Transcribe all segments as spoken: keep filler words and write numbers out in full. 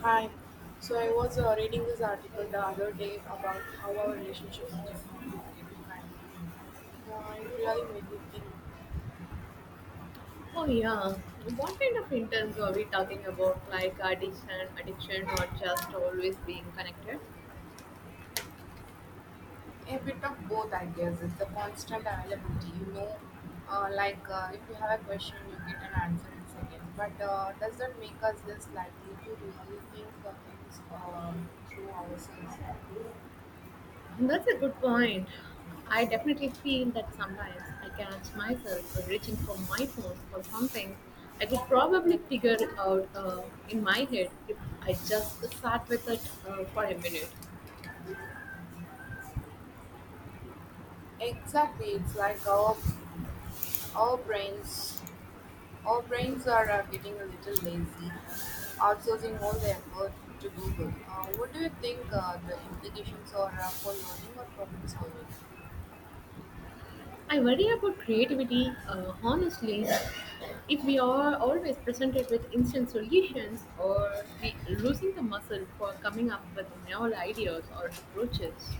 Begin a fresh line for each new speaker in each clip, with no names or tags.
Hi. So I was uh, reading this article the other day about how our relationship with technology is getting kind of intense. Uh, it really made me think
Oh yeah. What kind of interns are we talking about? Like addiction, addiction, or just always being connected?
a bit of both, I guess. It's the constant availability, you know. Uh, like uh, if you have a question, you get an answer in seconds. But uh, does that make us less likely to really think uh, things uh, through ourselves?
That's a good point. I definitely feel that sometimes I catch myself reaching for my phone for something I could probably figure out uh, in my head if I just sat with it uh, for a minute.
Exactly. It's like our our brains Our brains are uh, getting a little lazy, outsourcing all the effort to Google. Uh, what do you think uh, the implications are uh, for learning or problem solving?
I worry about creativity, uh, honestly. If we are always presented with instant solutions, or we losing the muscle for coming up with novel ideas or approaches.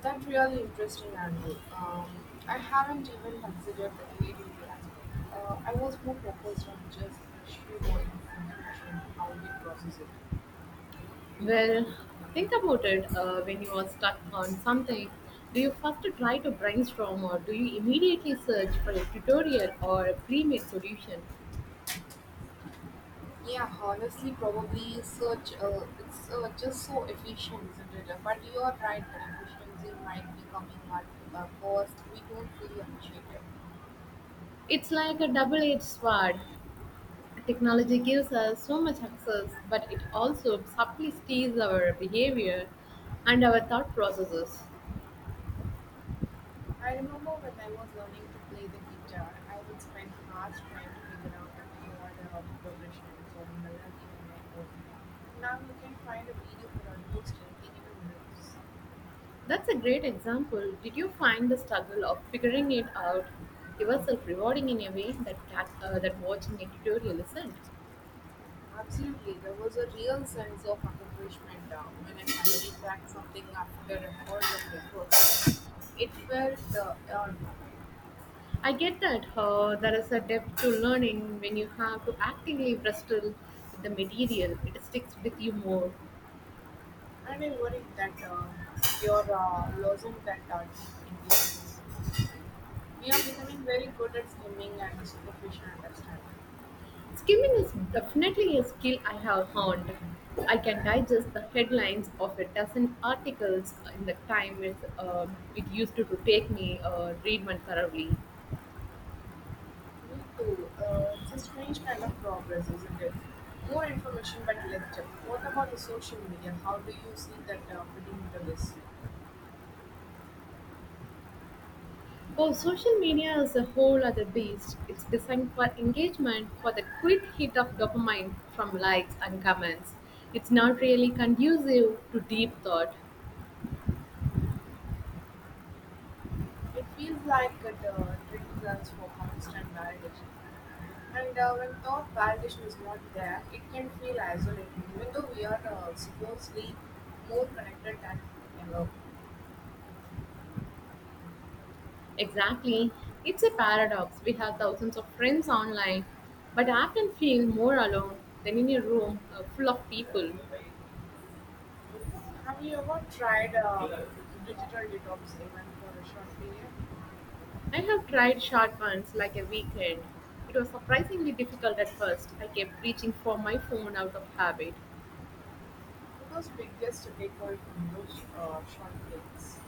That's really interesting angle. Um, I haven't even considered the creativity aspect. Uh, I was more focused on just the sheer volume of information, how we process it.
Well, think about it uh, when you are stuck on something. Do you first try to brainstorm, or do you immediately search for a tutorial or a pre made solution?
Yeah, honestly, probably search. Uh, it's uh, just so efficient, isn't it? Uh, But you are right that efficiency might be coming at a cost we don't fully appreciate it.
It's like a double edged sword. Technology gives us so much access, but it also subtly steals our behavior and our thought processes.
I remember when I was learning to play the guitar, I would spend hours trying to figure out the chord or progressions or melody on my own. Now you can find a video for almost anything in a minute.
That's a great example. Did you find the struggle of figuring it out yourself rewarding in a way that cat, uh, that watching a tutorial isn't?
Absolutely, there was a real sense of accomplishment uh, when I finally cracked something after hours of effort. It felt uh, earned,
I get that uh, there is a depth to learning when you have to actively wrestle with the material. It sticks with you more.
and I worry that uh, we are uh, losing that uh, deep engagements. We are becoming very good at skimming and superficial understanding.
Skimming is definitely a skill I have honed. I can digest the headlines of a dozen articles in the time it, um it used to, to take me uh, read one thoroughly.
Me too. Uh, it's a strange kind of progress, isn't it? More information but less depth. What about the social media? How do you see that uh, fitting into this?
Oh, social media is a whole other beast. It's designed for engagement, for the quick hit of dopamine from likes and comments. It's not really conducive to deep thought.
It feels like it uh, trains us for constant validation. And uh, when thought validation is not there, it can feel isolating, even though we are uh, supposedly more connected than ever.
Exactly. It's a paradox. We have thousands of friends online, but often feel more alone than in a room uh, full of people.
Have you ever tried uh, digital detox even for a short period?
I have tried short ones like a weekend. It was surprisingly difficult at first. I kept reaching for my phone out of habit.
What was biggest takeaway from those uh, short breaks?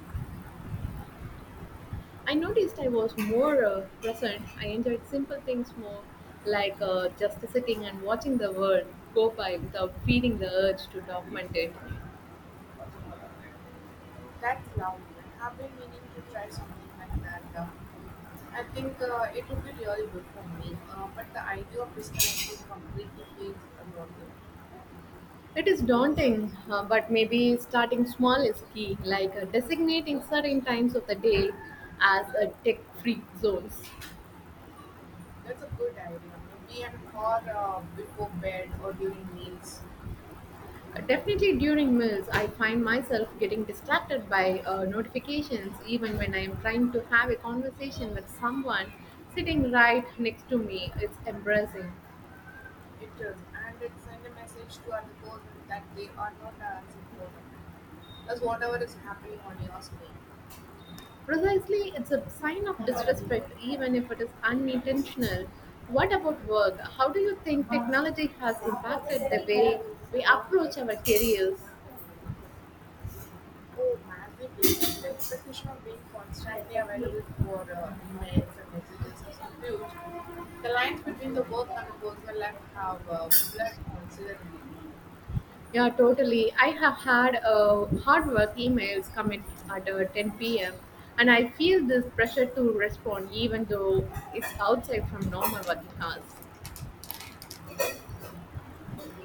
I noticed I was more uh, present. I enjoyed simple things more, like uh, just sitting and watching the world go by without feeling the urge to document it.
That's lovely. I have been meaning to try something like that. Uh, I think uh, it would be really good for me, uh, but the idea of disconnecting completely feels daunting.
It is daunting, uh, but maybe starting small is key, like uh, designating certain times of the day as uh, tech free zones.
That's a good idea. Maybe an hour uh, before bed or during meals.
Uh, definitely during meals, I find myself getting distracted by uh, notifications, even when I am trying to have a conversation with someone sitting right next to me. It's embarrassing.
It does, and it sends a message to other person that they are not as important as whatever is happening on your screen.
Precisely, it's a sign of disrespect, even if it is unintentional. What about work? How do you think technology has impacted the way we approach our careers?
Oh, massively. The expectation of being constantly available for uh, emails and messages is huge. The lines between the work and the personal life have uh, blurred considerably.
Yeah, totally. I have had uh, hard work emails come in at uh, ten p m and I feel this pressure to respond even though it's outside from normal working hours.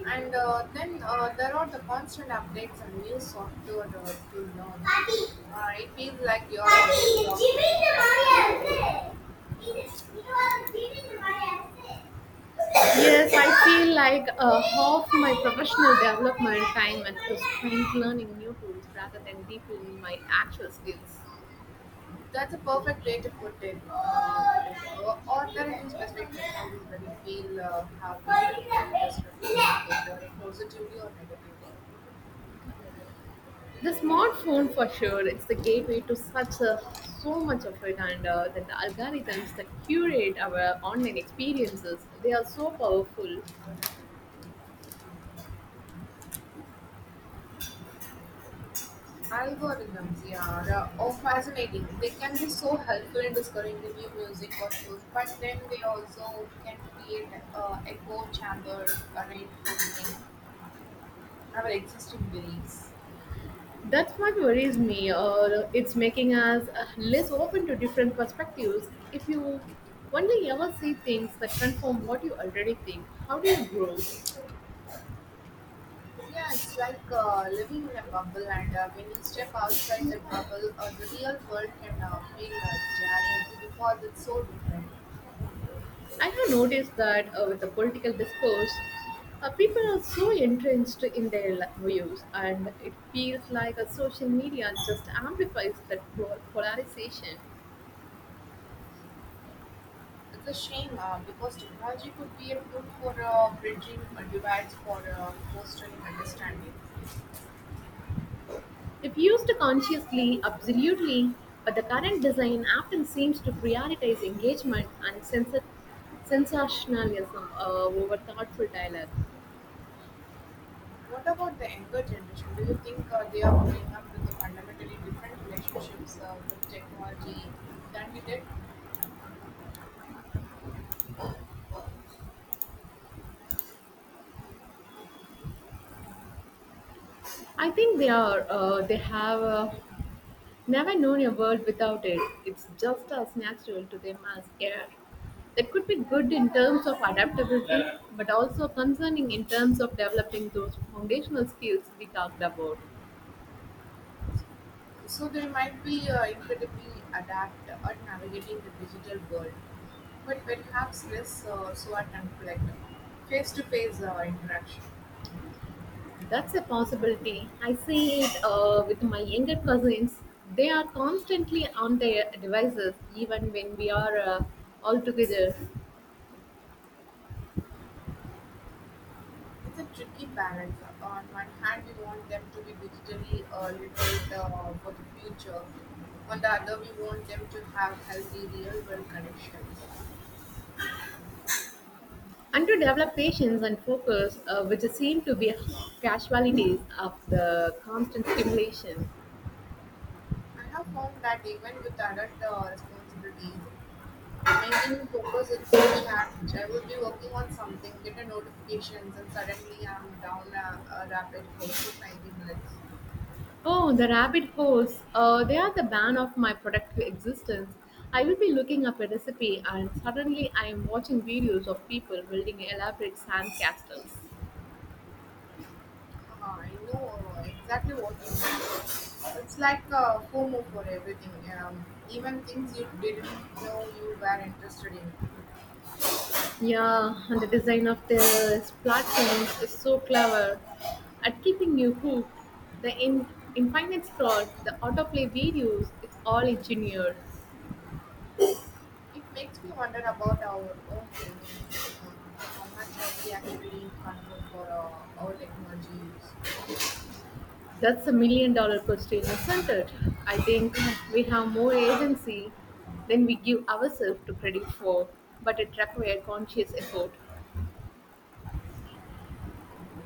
And uh, then uh, there are the constant updates and new software uh, to learn. Uh, it feels like you are always uh, playing catch up.
Yes, I feel like uh, half my professional development time is spent learning new tools rather than deepening my actual skills.
That's a perfect way to put it. Uh, put it. Uh, are there any specific technologies that you feel uh, have been particularly disruptive, either positively or negatively?
The smartphone for sure, it's the gateway to such a so much of it, and uh, then the algorithms that curate our online experiences, they are so powerful.
Algorithms, yeah, are oh, fascinating. They can be so helpful in discovering the new music or shows, but then they also can create uh, echo chambers, uh, reinforcing our existing beliefs.
That's what worries me. Uh, it's making us uh, less open to different perspectives. If you only ever see things that confirm what you already think, how do you grow?
Yeah, it's like uh, living in a bubble, and uh, when you step outside that bubble, uh, the real world can uh, feel uh, jarring because it's so different.
I have noticed that uh, with the political discourse, uh, people are so entrenched in their li- views, and it feels like a social media just amplifies that po- polarization.
It's a shame uh, because technology could be a tool for uh, bridging uh, divides for uh, fostering understanding.
If used consciously, absolutely, but the current design often seems to prioritize engagement and censor- sensationalism uh, over thoughtful dialogue.
What about the younger generation? Do you think uh, they are growing up with the fundamentally different relationships uh, with technology than we did?
I think they are uh, they have uh, never known a world without it. It's just as natural to them as air. That could be good in terms of adaptability, but also concerning in terms of developing those foundational skills we talked about.
So they might be uh, incredibly adept at navigating the digital world, but perhaps less uh, so at conflict, face-to-face uh, interaction.
That's a possibility. I see it uh, with my younger cousins. They are constantly on their devices, even when we are uh, all together.
It's a tricky balance. On one hand, we want them to be digitally uh, literate uh, for the future. On the other, we want them to have healthy real-world connections.
And to develop patience and focus, uh, which seem to be casualties of the constant stimulation.
I have found that even with adult uh, responsibilities, maintaining focus it's a challenge. I will be working on something, get a notifications and suddenly i'm down a, a rapid hole for twenty minutes.
Oh, the rabbit holes. Uh, they are the ban of my productive existence. I will be looking up a recipe and suddenly I am watching videos of people building elaborate sand castles.
Uh, i know exactly what you mean. It's like a fomo for everything, um, even things you didn't know you were interested in.
Yeah, and the design of the platforms is so clever at keeping you hooked. The in- infinite scroll, the autoplay videos, it's all engineered.
It makes me wonder about our own agency, uh, how much are we actually in control for our, our technology use.
That's a million dollar question, isn't it? I think we have more agency than we give ourselves to credit for, but it requires conscious effort.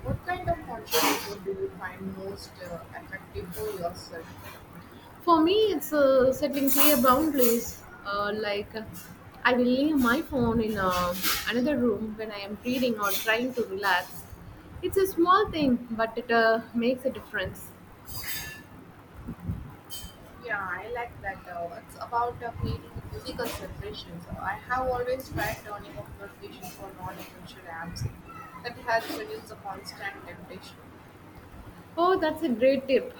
What kind of conscious effort do you find most uh, effective for yourself?
For me, it's uh, setting clear boundaries. Uh, like, uh, I will leave my phone in uh, another room when I am reading or trying to relax. It's a small thing, but it uh, makes a difference.
Yeah, I like that. Uh, it's about uh, creating a physical separation. So I have always tried turning off notifications for non-essential apps. That helps reduce the constant temptation.
Oh, that's a great tip.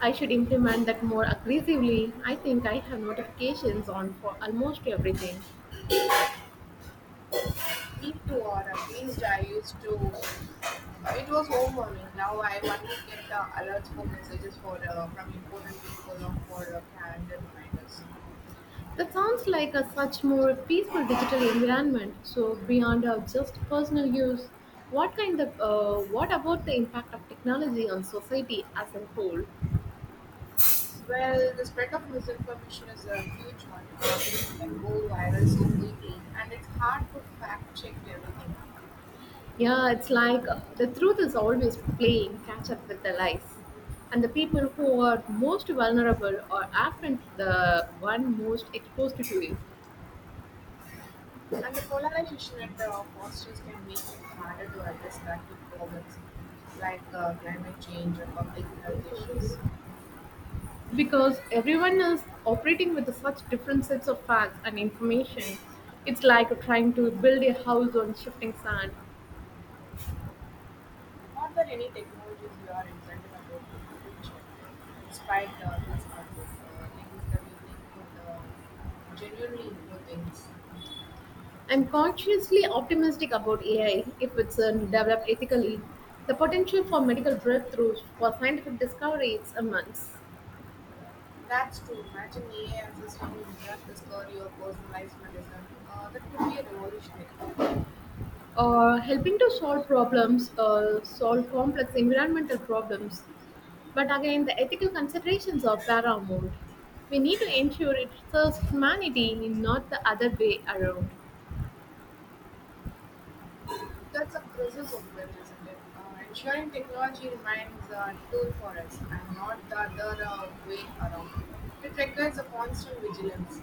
I should implement that more aggressively. I think I have notifications on for almost everything.
Me too, or at least I used to. Uh, it was overwhelming. Now I only get uh, alerts for messages for uh, from important people or for uh, calendar reminders.
That sounds like a such more peaceful digital environment. So beyond uh, just personal use, what kind of uh, what about the impact of technology on society as a whole?
Well, the spread of misinformation is a huge one. Uh, things can go viral so quickly, and it's hard to fact check everything.
Yeah, it's like uh, the truth is always playing catch up with the lies, and the people who are most vulnerable are often the one most exposed to it,
And the polarization at the fosters can make it harder to address collective problems like uh, climate change or public health issues.
because everyone is operating with such different sets of facts and information. It's like trying to build a house on shifting sand.
Not that any technologies you are excited about in the future, despite uh, these concerns, uh, things that you think could uh, genuinely improve things.
I'm cautiously optimistic about A I if it's uh, developed ethically. The potential for medical breakthroughs for scientific discoveries, is immense.
That's true. Imagine A I assisting in drug discovery or personalized medicine. Uh, that could be a revolutionary.
Uh, helping to solve problems, uh, solve complex environmental problems. But again, the ethical considerations are paramount. We need to ensure it serves humanity, not the other way around.
That's the presence of it, isn't it? Uh, ensuring technology remains a tool for us and not the other uh, way around. It requires a constant vigilance,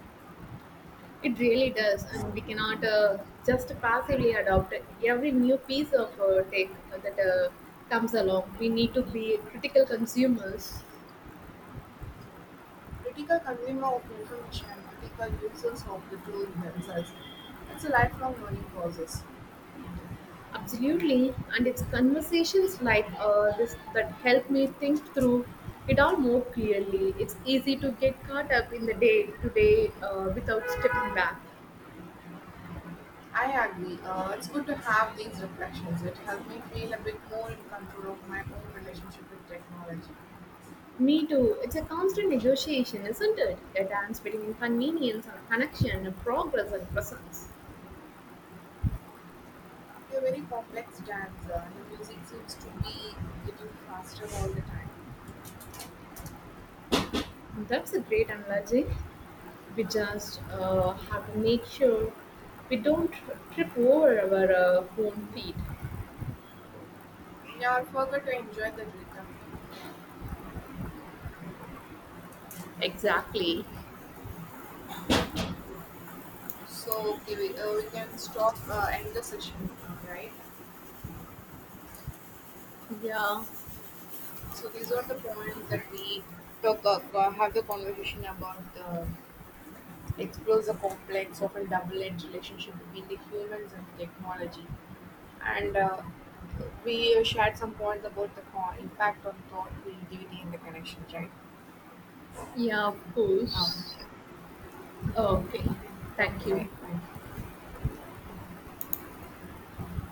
It really does, and we cannot uh, just passively adopt every new piece of uh, tech that uh, comes along. We need to be critical consumers.
critical consumer of information, and critical users of the tool themselves. It's a lifelong learning process.
Absolutely, and it's conversations like uh, this that help me think through it all more clearly. It's easy to get caught up in the day to day uh, without stepping back.
I agree. Uh, it's good to have these reflections. It helps me feel a bit more in control of my own relationship with technology.
Me too. It's a constant negotiation, isn't it? A dance between convenience and connection, progress and presence.
You a very complex dance, uh, and the music seems to be getting faster all the time.
That's a great analogy. We just uh, have to make sure we don't trip over our uh, own feet.
Yeah, I forgot to enjoy the rhythm.
Exactly.
So okay, we, uh, we can stop uh, end the session, uh, right?
Yeah,
So these are the points that we talk uh, have the conversation about. The, explores the complex, often double-edged relationship between the humans and technology, and uh, we uh, shared some points about the co- impact on thought, creativity, and the connections, right?
yeah, of
Um,
course. Okay,
okay,
thank
bye.
you.
Thank you.